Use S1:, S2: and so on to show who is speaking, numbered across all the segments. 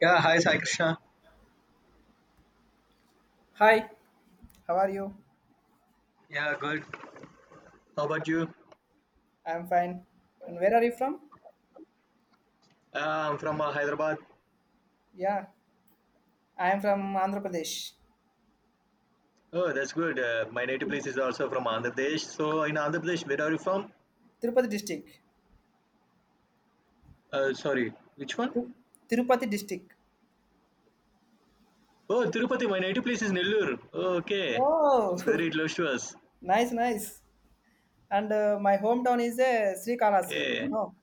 S1: Yeah, hi Sai Krishna.
S2: Hi, how are you?
S1: Yeah, good. How about you?
S2: I'm fine. And where are you from?
S1: Uh, I'm from Hyderabad.
S2: Yeah, I am from Andhra Pradesh,
S1: Oh, that's good. My native place is also from Andhra Pradesh. So, in Andhra Pradesh, where are you from?
S2: Tirupati district.
S1: Sorry, which one?
S2: Ti- Tirupati district.
S1: Oh, Tirupati. My native place is Nellore. Oh, okay,
S2: Oh,
S1: it's very close to us.
S2: nice, nice. And my hometown is Sri Kalasri.
S1: Okay.
S2: No,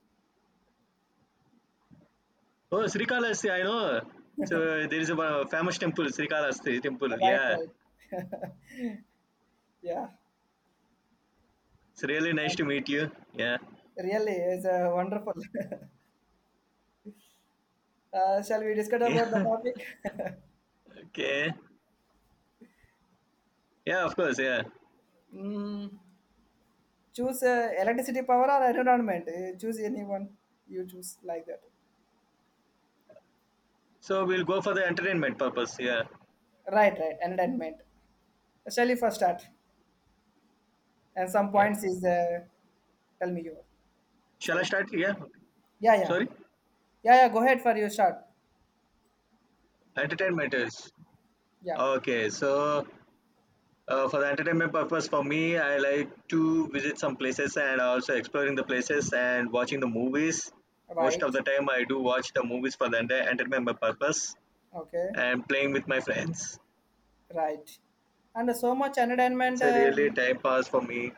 S1: Oh, Srikalasthi, I know. So there is a famous temple, Srikalasthi temple.
S2: right,
S1: Yeah,
S2: right. Yeah,
S1: it's really nice to meet you. Yeah.
S2: really, it's wonderful. Shall we discuss about the
S1: Yeah.
S2: topic?
S1: Okay. Yeah, of course. Yeah.
S2: mm, choose electricity power or environment. Choose anyone you choose like that.
S1: So we'll go for the entertainment purpose. Yeah.
S2: Right, right. Entertainment. Shall we first start? And some
S1: Yeah.
S2: points is tell me your
S1: Shall I
S2: side.
S1: start? Yeah.
S2: Yeah,
S1: Sorry.
S2: yeah, yeah, go ahead for your shot.
S1: Entertainment is.
S2: Yeah,
S1: Okay. So, for the entertainment purpose, for me, I like to visit some places and also exploring the places and watching the movies. Most of
S2: right,
S1: the time, I do watch the movies for the entertainment purpose
S2: okay,
S1: and playing with my friends.
S2: right. And so much entertainment,
S1: It's a really time pass for me.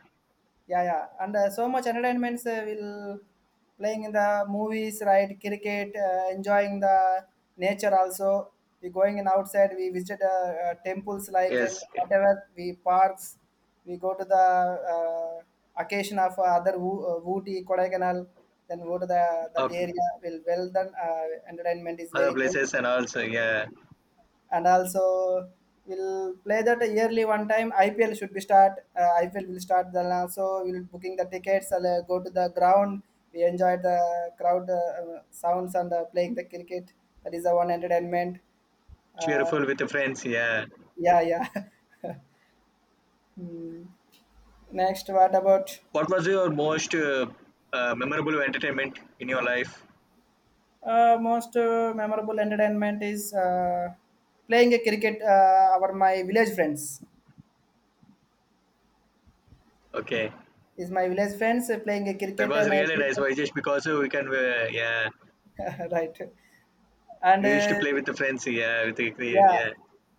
S2: yeah, yeah, and so much entertainments will playing in the movies, right? Cricket, enjoying the nature also. We going in outside. We visit temples like and
S1: Yes.
S2: whatever we parks. We go to the occasion of other Ooty, Kodaikanal. Then go to the that
S1: Okay.
S2: area. Will well done. Entertainment is
S1: Other
S2: very good,
S1: places and also, yeah.
S2: and also we'll play that yearly one time. IPL should be start. IPL will start, then also we'll booking the tickets and go to the ground. We enjoy the crowd, sounds, and playing the cricket. That is the one entertainment. uh,
S1: Cheerful with the friends. Yeah.
S2: yeah, yeah. Hmm. Next, what about
S1: What was your most memorable entertainment in your life?
S2: most memorable entertainment is playing a cricket, our my village friends.
S1: Okay.
S2: Is My village friends, playing a
S1: That
S2: cricket
S1: was
S2: and
S1: really nice.
S2: everything.
S1: Why just because we can, yeah,
S2: Right. And
S1: we used to play with the friends, yeah, with the,
S2: yeah,
S1: yeah,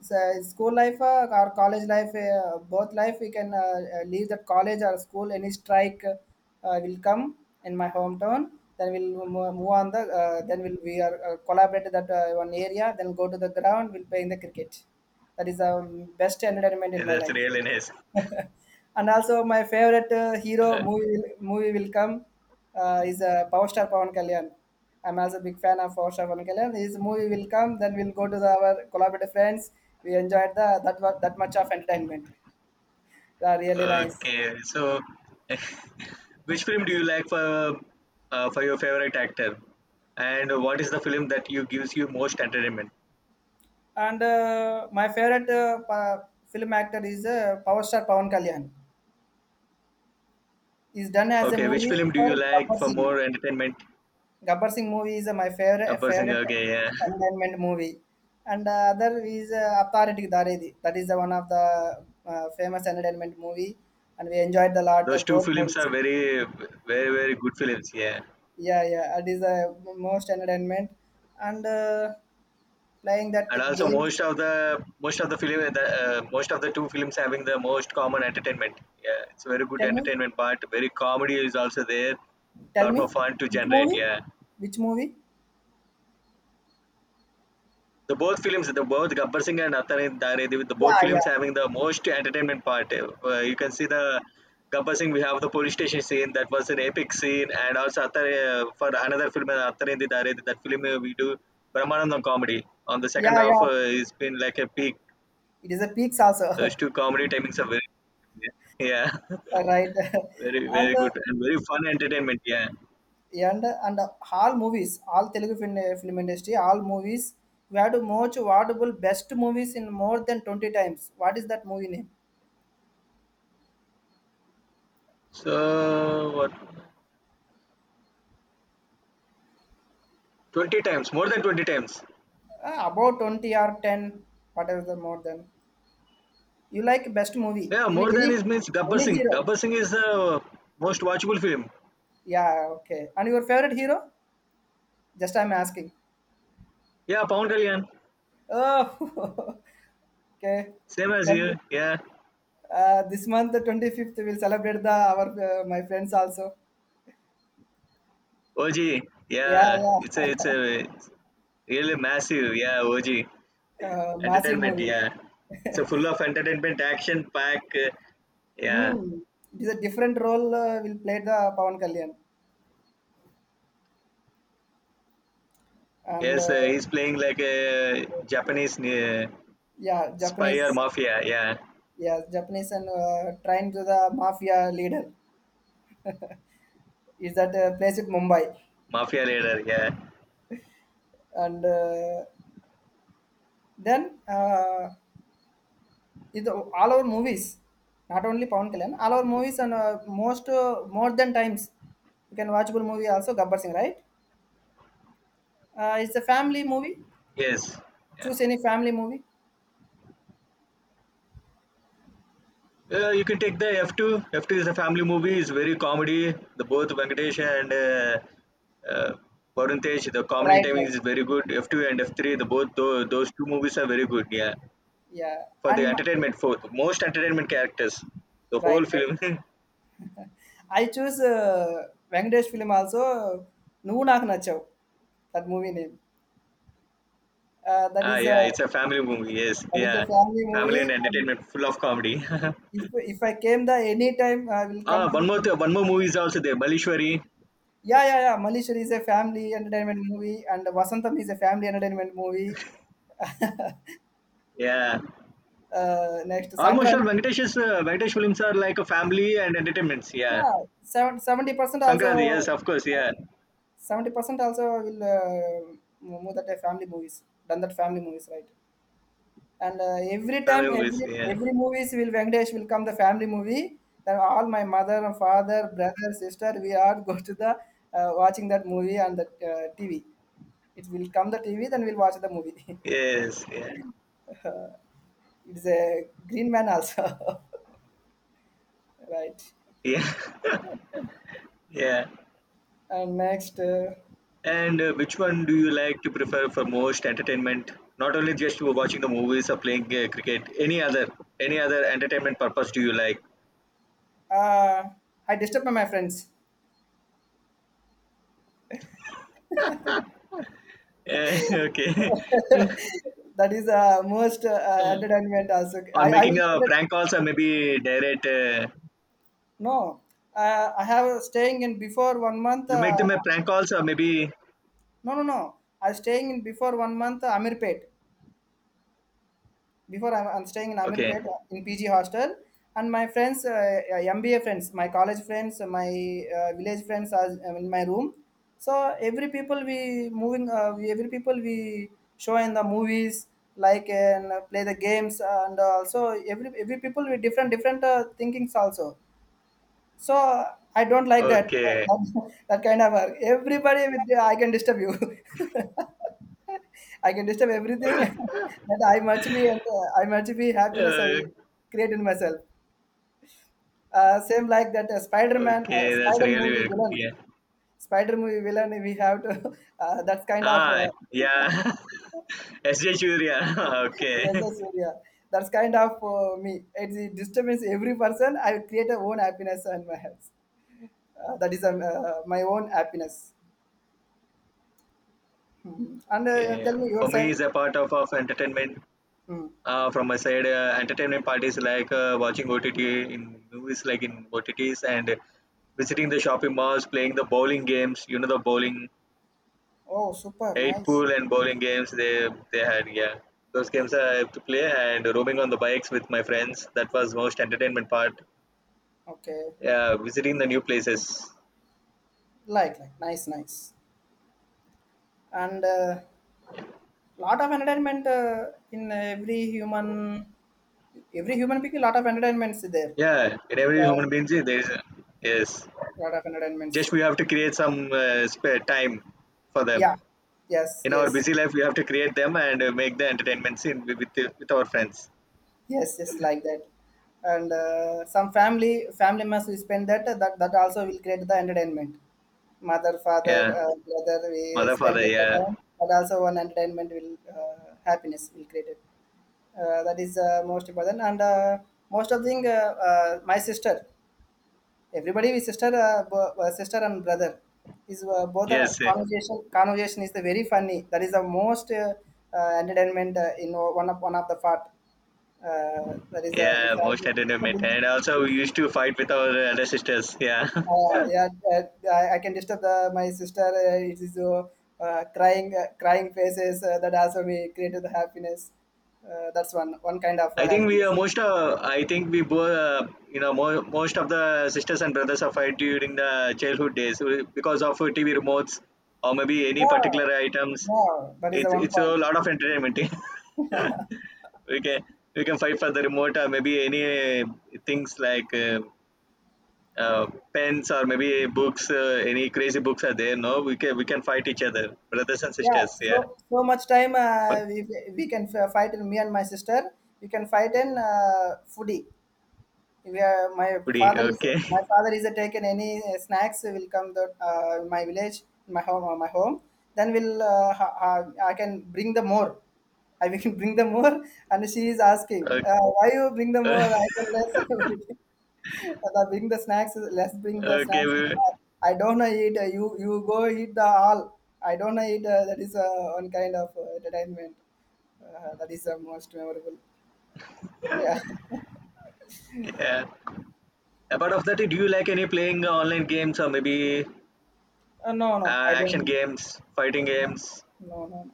S2: so school life or college life, both life, we can leave the college or school. Any strike will come in my hometown. Then we'll move on the. Then we are collaborate that one area. Then go to the ground. We'll play in the cricket. That is the best entertainment in
S1: yeah,
S2: my
S1: that's
S2: life.
S1: really nice.
S2: And also my favorite hero movie movie will come, is Power Star Pawan Kalyan. I'm also a big fan of Power Star Pawan Kalyan. His movie will come, then we'll go to the, our collaborative friends. We enjoyed the that that much of entertainment. Yeah, really nice.
S1: Okay, so. Which film do you like for your favorite actor, and what is the film that you gives you most entertainment?
S2: And my favorite film actor is Power Star Pawan Kalyan. He's done as a
S1: Okay, which
S2: movie
S1: film do you
S2: for
S1: like
S2: Gabbar
S1: for
S2: Singh.
S1: more entertainment?
S2: Gabbar Singh movie is my favorite
S1: A person,
S2: favorite
S1: okay, yeah,
S2: entertainment movie, and other is Authority Daredi. That is the one of the famous entertainment movie, and we enjoyed a lot,
S1: those two
S2: both
S1: films
S2: movies.
S1: are very, very, very good films, yeah.
S2: Yeah, yeah, it is the most entertainment, and playing that
S1: And also
S2: games.
S1: most of the film the, most of the two films having the most common entertainment, yeah, it's very good
S2: Tell me,
S1: entertainment part, very comedy is also there,
S2: tell
S1: lot more
S2: me,
S1: fun to
S2: which
S1: generate,
S2: movie?
S1: yeah.
S2: Which movie?
S1: The both films, the both Gabbar Singh and Atari Dare Devi, the both
S2: Yeah,
S1: films
S2: yeah,
S1: having the most entertainment part. You can see the Gabbar Singh, we have the police station scene, that was an epic scene, and also Atari, for another film Atari Dare, that film we do Brahmanandam comedy on the
S2: yeah,
S1: second half.
S2: yeah.
S1: It's been like a peak.
S2: It is a peaks
S1: Those
S2: also.
S1: two comedy timings are very, yeah,
S2: Right?
S1: very,
S2: And
S1: very good and very fun entertainment. Yeah.
S2: and all movies, all telugu film, film industry, all movies we had most watchable best movies in more than 20 times. What is that movie name?
S1: So what? 20 times, more than 20 times.
S2: About 20 or 10, whatever the more than you like best movie
S1: Yeah,
S2: in
S1: more than
S2: any
S1: is means Gabbar
S2: any
S1: Singh.
S2: hero.
S1: Gabbar Singh is the most watchable film.
S2: Yeah, okay. And your favorite hero, just I'm asking.
S1: Yeah, Pawan Kalyan.
S2: Oh, okay.
S1: Same as you.
S2: Then
S1: Yeah.
S2: this month the 25th, we'll celebrate the our, my friends also.
S1: OG.
S2: Yeah,
S1: Yeah.
S2: yeah.
S1: It's really massive. Yeah. OG.
S2: Massive
S1: Entertainment.
S2: movies.
S1: Yeah. It's a full of entertainment, action pack. Yeah.
S2: Mm. It is a different role, will play the Pawan Kalyan, and
S1: Yes, he's playing like a Japanese
S2: yeah,
S1: spy or
S2: Japanese,
S1: mafia, yeah.
S2: yeah, Japanese, and trying to the mafia leader is that place in Mumbai,
S1: Mafia leader, yeah.
S2: and then it, all our movies, not only Pawan Kalyan, all our movies, and most, more than times you can watchable movie also, Gabbar Singh, right? It's a family movie.
S1: Yes. Yeah.
S2: Choose any family movie.
S1: You can take the F2. F2 is a family movie. It's very comedy. The both Venkatesh and Varun Tej, the comedy
S2: Right,
S1: timing
S2: right,
S1: is very good. F2 and F3, the both those two movies are very good. Yeah,
S2: yeah,
S1: for the
S2: and
S1: entertainment, for the most entertainment characters, the
S2: right,
S1: whole
S2: right.
S1: film.
S2: I choose Bangladesh film also. Noo naak na chow, that movie name. That
S1: Ah,
S2: is a.
S1: yeah, it's a family movie. Yes,
S2: This is a
S1: yeah,
S2: family
S1: family
S2: movie.
S1: and entertainment, full of comedy.
S2: If I came the any time, I will come
S1: Ah, one
S2: to.
S1: more, one more movie is also there, Balishwari.
S2: Yeah, yeah, yeah. Malishri is a family entertainment movie, and Wasantham is a family entertainment movie.
S1: Yeah,
S2: Ah, next
S1: almost all
S2: Sangram.
S1: Venkatesh's Venkatesh films are like a family and entertainments. Yeah,
S2: Yeah, seventy percent
S1: Sankranti.
S2: also.
S1: Yes, of course. Yeah,
S2: 70% also will. Most of the family movies. Done that family movies right. And every time,
S1: family movies. Yeah,
S2: every movies will Venkatesh will come the family movie. Then all my mother and father, brother, sister, we all go to the watching that movie on the TV. It will come the TV, then we'll watch the movie.
S1: yes. Yeah,
S2: It's a Green Man also. Right?
S1: yeah, yeah.
S2: And next,
S1: And which one do you like to prefer for most entertainment? Not only just watching the movies or playing cricket. Any other entertainment purpose do you like?
S2: uh, I disturb my friends.
S1: Eh, okay.
S2: That is most entertainment also.
S1: Or
S2: I
S1: making
S2: will get
S1: a
S2: it.
S1: prank calls or maybe direct.
S2: No, I have staying in before one month.
S1: You make them a prank calls or maybe.
S2: No, no, no. I was staying in before one month, Amirpet. Before I'm staying in
S1: Okay.
S2: Amirpet in PG hostel, and my friends, MBA friends, my college friends, my village friends are in my room. So every people we moving, we, every people we show in the movies, like, and play the games, and also every people with different thinkings also. So I don't like that,
S1: Okay.
S2: that kind of work. Everybody with I can disturb you. I can disturb everything. That I must be, I must be happiness, I will
S1: Uh,
S2: create in myself. Same like that, Spider-Man,
S1: okay, that's
S2: Spider
S1: really
S2: movie
S1: very good.
S2: villain,
S1: Yeah.
S2: Spider movie villain. We have to. That's kind of
S1: Ah, yeah. S.J. Surya. Okay.
S2: yes, yes, yeah. That's kind of me. It disturbs every person. I create a own happiness in my health. That is my own happiness. Mhm. And
S1: Okay.
S2: tell me your
S1: For me,
S2: side.
S1: it's a part of, entertainment.
S2: Mm.
S1: From my side, entertainment part is like watching OTT in movies, like in OTTs, and visiting the shopping malls, playing the bowling games. You know the bowling,
S2: Oh, super
S1: eight
S2: nice.
S1: pool and bowling games they had. Yeah, those games I have to play and roaming on the bikes with my friends. That was most entertainment part.
S2: Okay,
S1: Yeah, visiting the new places.
S2: like, nice, nice. And lot of entertainment in every human, every human being, lot of entertainments there.
S1: Yeah, in every
S2: Yeah,
S1: human being, see, there is a, yes.
S2: lot of entertainments.
S1: Just we have to create some spare time for them.
S2: Yeah, yes,
S1: In our
S2: yes,
S1: busy life, we have to create them and make the entertainment scene with our friends.
S2: yes, yes, like that. And some family must we spend that, that also will create the entertainment. Mother, father,
S1: Yeah,
S2: brother, we
S1: mother,
S2: spend
S1: father.
S2: that
S1: Yeah,
S2: time, but also one entertainment will, happiness will create it. That is most important, and most of the thing, my sister, everybody is sister, sister and brother is both are
S1: yes,
S2: conversation is the very funny. That is the most entertainment, in one of, one of the part. uh, that is if
S1: yeah.
S2: I be
S1: Most entertainment,
S2: disturbing.
S1: and also we used to fight with our elder sisters. Yeah,
S2: uh, yeah uh, I can disturb the, my sister, it is crying, crying faces. That also we created the happiness. That's one, one kind of
S1: I think we are
S2: happiness.
S1: most of, I think we both, you know, most of the sisters and brothers are fight during the childhood days because of TV remotes or maybe any
S2: Yeah,
S1: particular items.
S2: yeah, that is the
S1: It's
S2: one
S1: it's
S2: point.
S1: a lot of entertainment. we can we can fight for the remote or maybe any things like uh, pens or maybe books. Any crazy books are there? No, we can fight each other, brothers and
S2: Yeah,
S1: sisters. Yeah,
S2: so so much time,
S1: but
S2: we can fight in me and my sister. We can fight in foodie. Yeah, my
S1: okay,
S2: father is taken any, snacks will come the, my village, my home. Then will, ha, ha, I can bring the more, and she is asking,
S1: okay,
S2: why you bring the more, I can less. Bring the snacks, let's bring the
S1: okay.
S2: snacks. I don't know eat, you you go eat the all, I don't know eat, that is one kind of entertainment. That is the most memorable. Yeah.
S1: Yeah. Apart of that, do you like any playing online games or maybe
S2: No, no, I don't
S1: action
S2: know.
S1: games, fighting games
S2: No, no, no.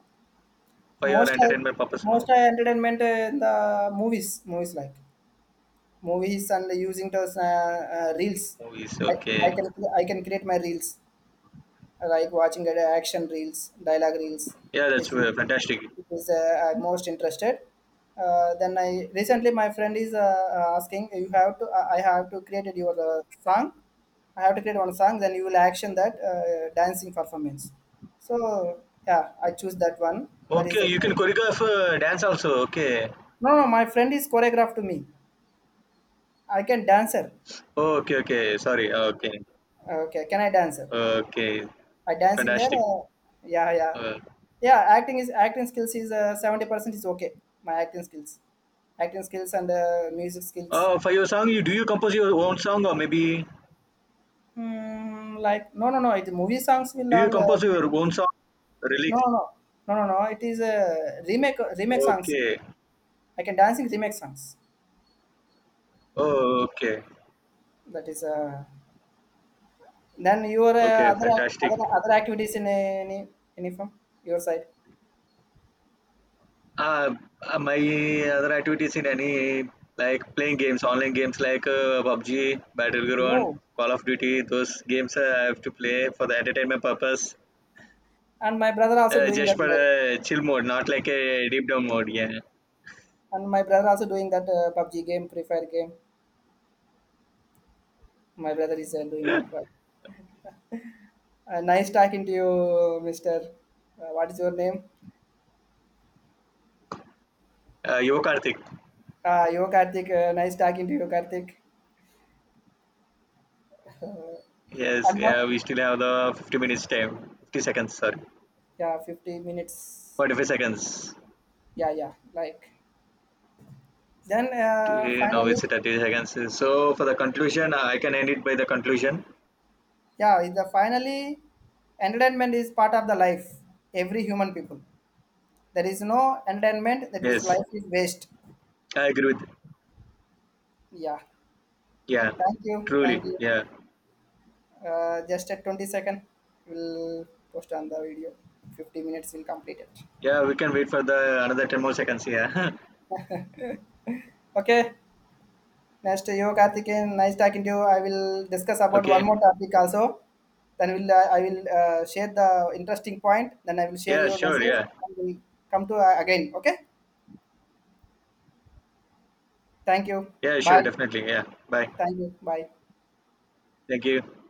S1: for your
S2: Most of
S1: entertainment purpose?
S2: Most
S1: No,
S2: of entertainment, in the movies, movies, and using those reels.
S1: movies.
S2: I, I
S1: Okay,
S2: can, I can create my reels like watching at action reels, dialogue reels.
S1: yeah, that's
S2: Is
S1: fantastic.
S2: it is I'm most interested. Then I recently my friend is asking you have to. I have to create your, song. I have to create one song. Then you will action that, dancing performance. So yeah, I choose that one. That is
S1: Okay,
S2: the
S1: you
S2: no.
S1: can choreograph dance also. Okay,
S2: No. My friend is choreographed to me. I can dancer.
S1: okay, okay. Sorry. Okay,
S2: Okay, can I dancer?
S1: okay,
S2: I dancing there.
S1: fantastic.
S2: Yeah, yeah,
S1: Uh,
S2: yeah. Acting is acting skills is 70% is okay. My acting skills and music skills.
S1: for your song, you do you compose your own song or maybe
S2: Hmm, like no, no, no. It movie songs will
S1: do you
S2: all,
S1: compose
S2: remake.
S1: your own song?
S2: No,
S1: Lyrics.
S2: no, no, no, no, no. It is remake remake songs.
S1: Okay.
S2: I can dancing remake songs.
S1: Oh, okay.
S2: That is then your
S1: Okay,
S2: other,
S1: fantastic.
S2: other activities in any from your side.
S1: Uh, my other activities in any like playing games, online games like PUBG, Battleground,
S2: No,
S1: Call of Duty. Those games I have to play for the entertainment purpose,
S2: and my brother also doing
S1: just
S2: that.
S1: for
S2: Like,
S1: a chill mode, not like a deep down mode. Yeah.
S2: and my brother also doing that PUBG game, Free Fire game. My brother is doing that work. Nice talking to you, Mister. What is your name?
S1: You Karthik.
S2: You Karthik. Nice talking to you, Karthik.
S1: Yes.
S2: And
S1: Yeah.
S2: what?
S1: We still have the 50 minutes time. 50 seconds. Sorry.
S2: Yeah, 50 minutes.
S1: 45 seconds.
S2: Yeah, yeah. Like then,
S1: Eh, no,
S2: finally,
S1: it's 30 seconds. So for the conclusion, I can end it by the conclusion.
S2: yeah. is The finally, entertainment is part of the life. Every human people. There is no entertainment, that is
S1: Yes,
S2: life is waste.
S1: I agree with.
S2: Yeah.
S1: Yeah.
S2: Thank you.
S1: Truly.
S2: Thank you.
S1: Yeah.
S2: Just at 20-second, we'll post on the video. 50 minutes will complete it.
S1: Yeah, we can wait for the another 10 more seconds. Yeah.
S2: Okay, next to you, Karthikeyan. Nice talking to you. I will discuss about one
S1: Okay.
S2: more topic also. Then will, I will, share the interesting point. Then I will share
S1: Yeah,
S2: your
S1: sure.
S2: message,
S1: Yeah.
S2: and we'll come to, again. Okay. Thank you.
S1: Yeah,
S2: Bye.
S1: sure. Definitely. Yeah. Bye.
S2: Thank you. Bye.
S1: Thank you.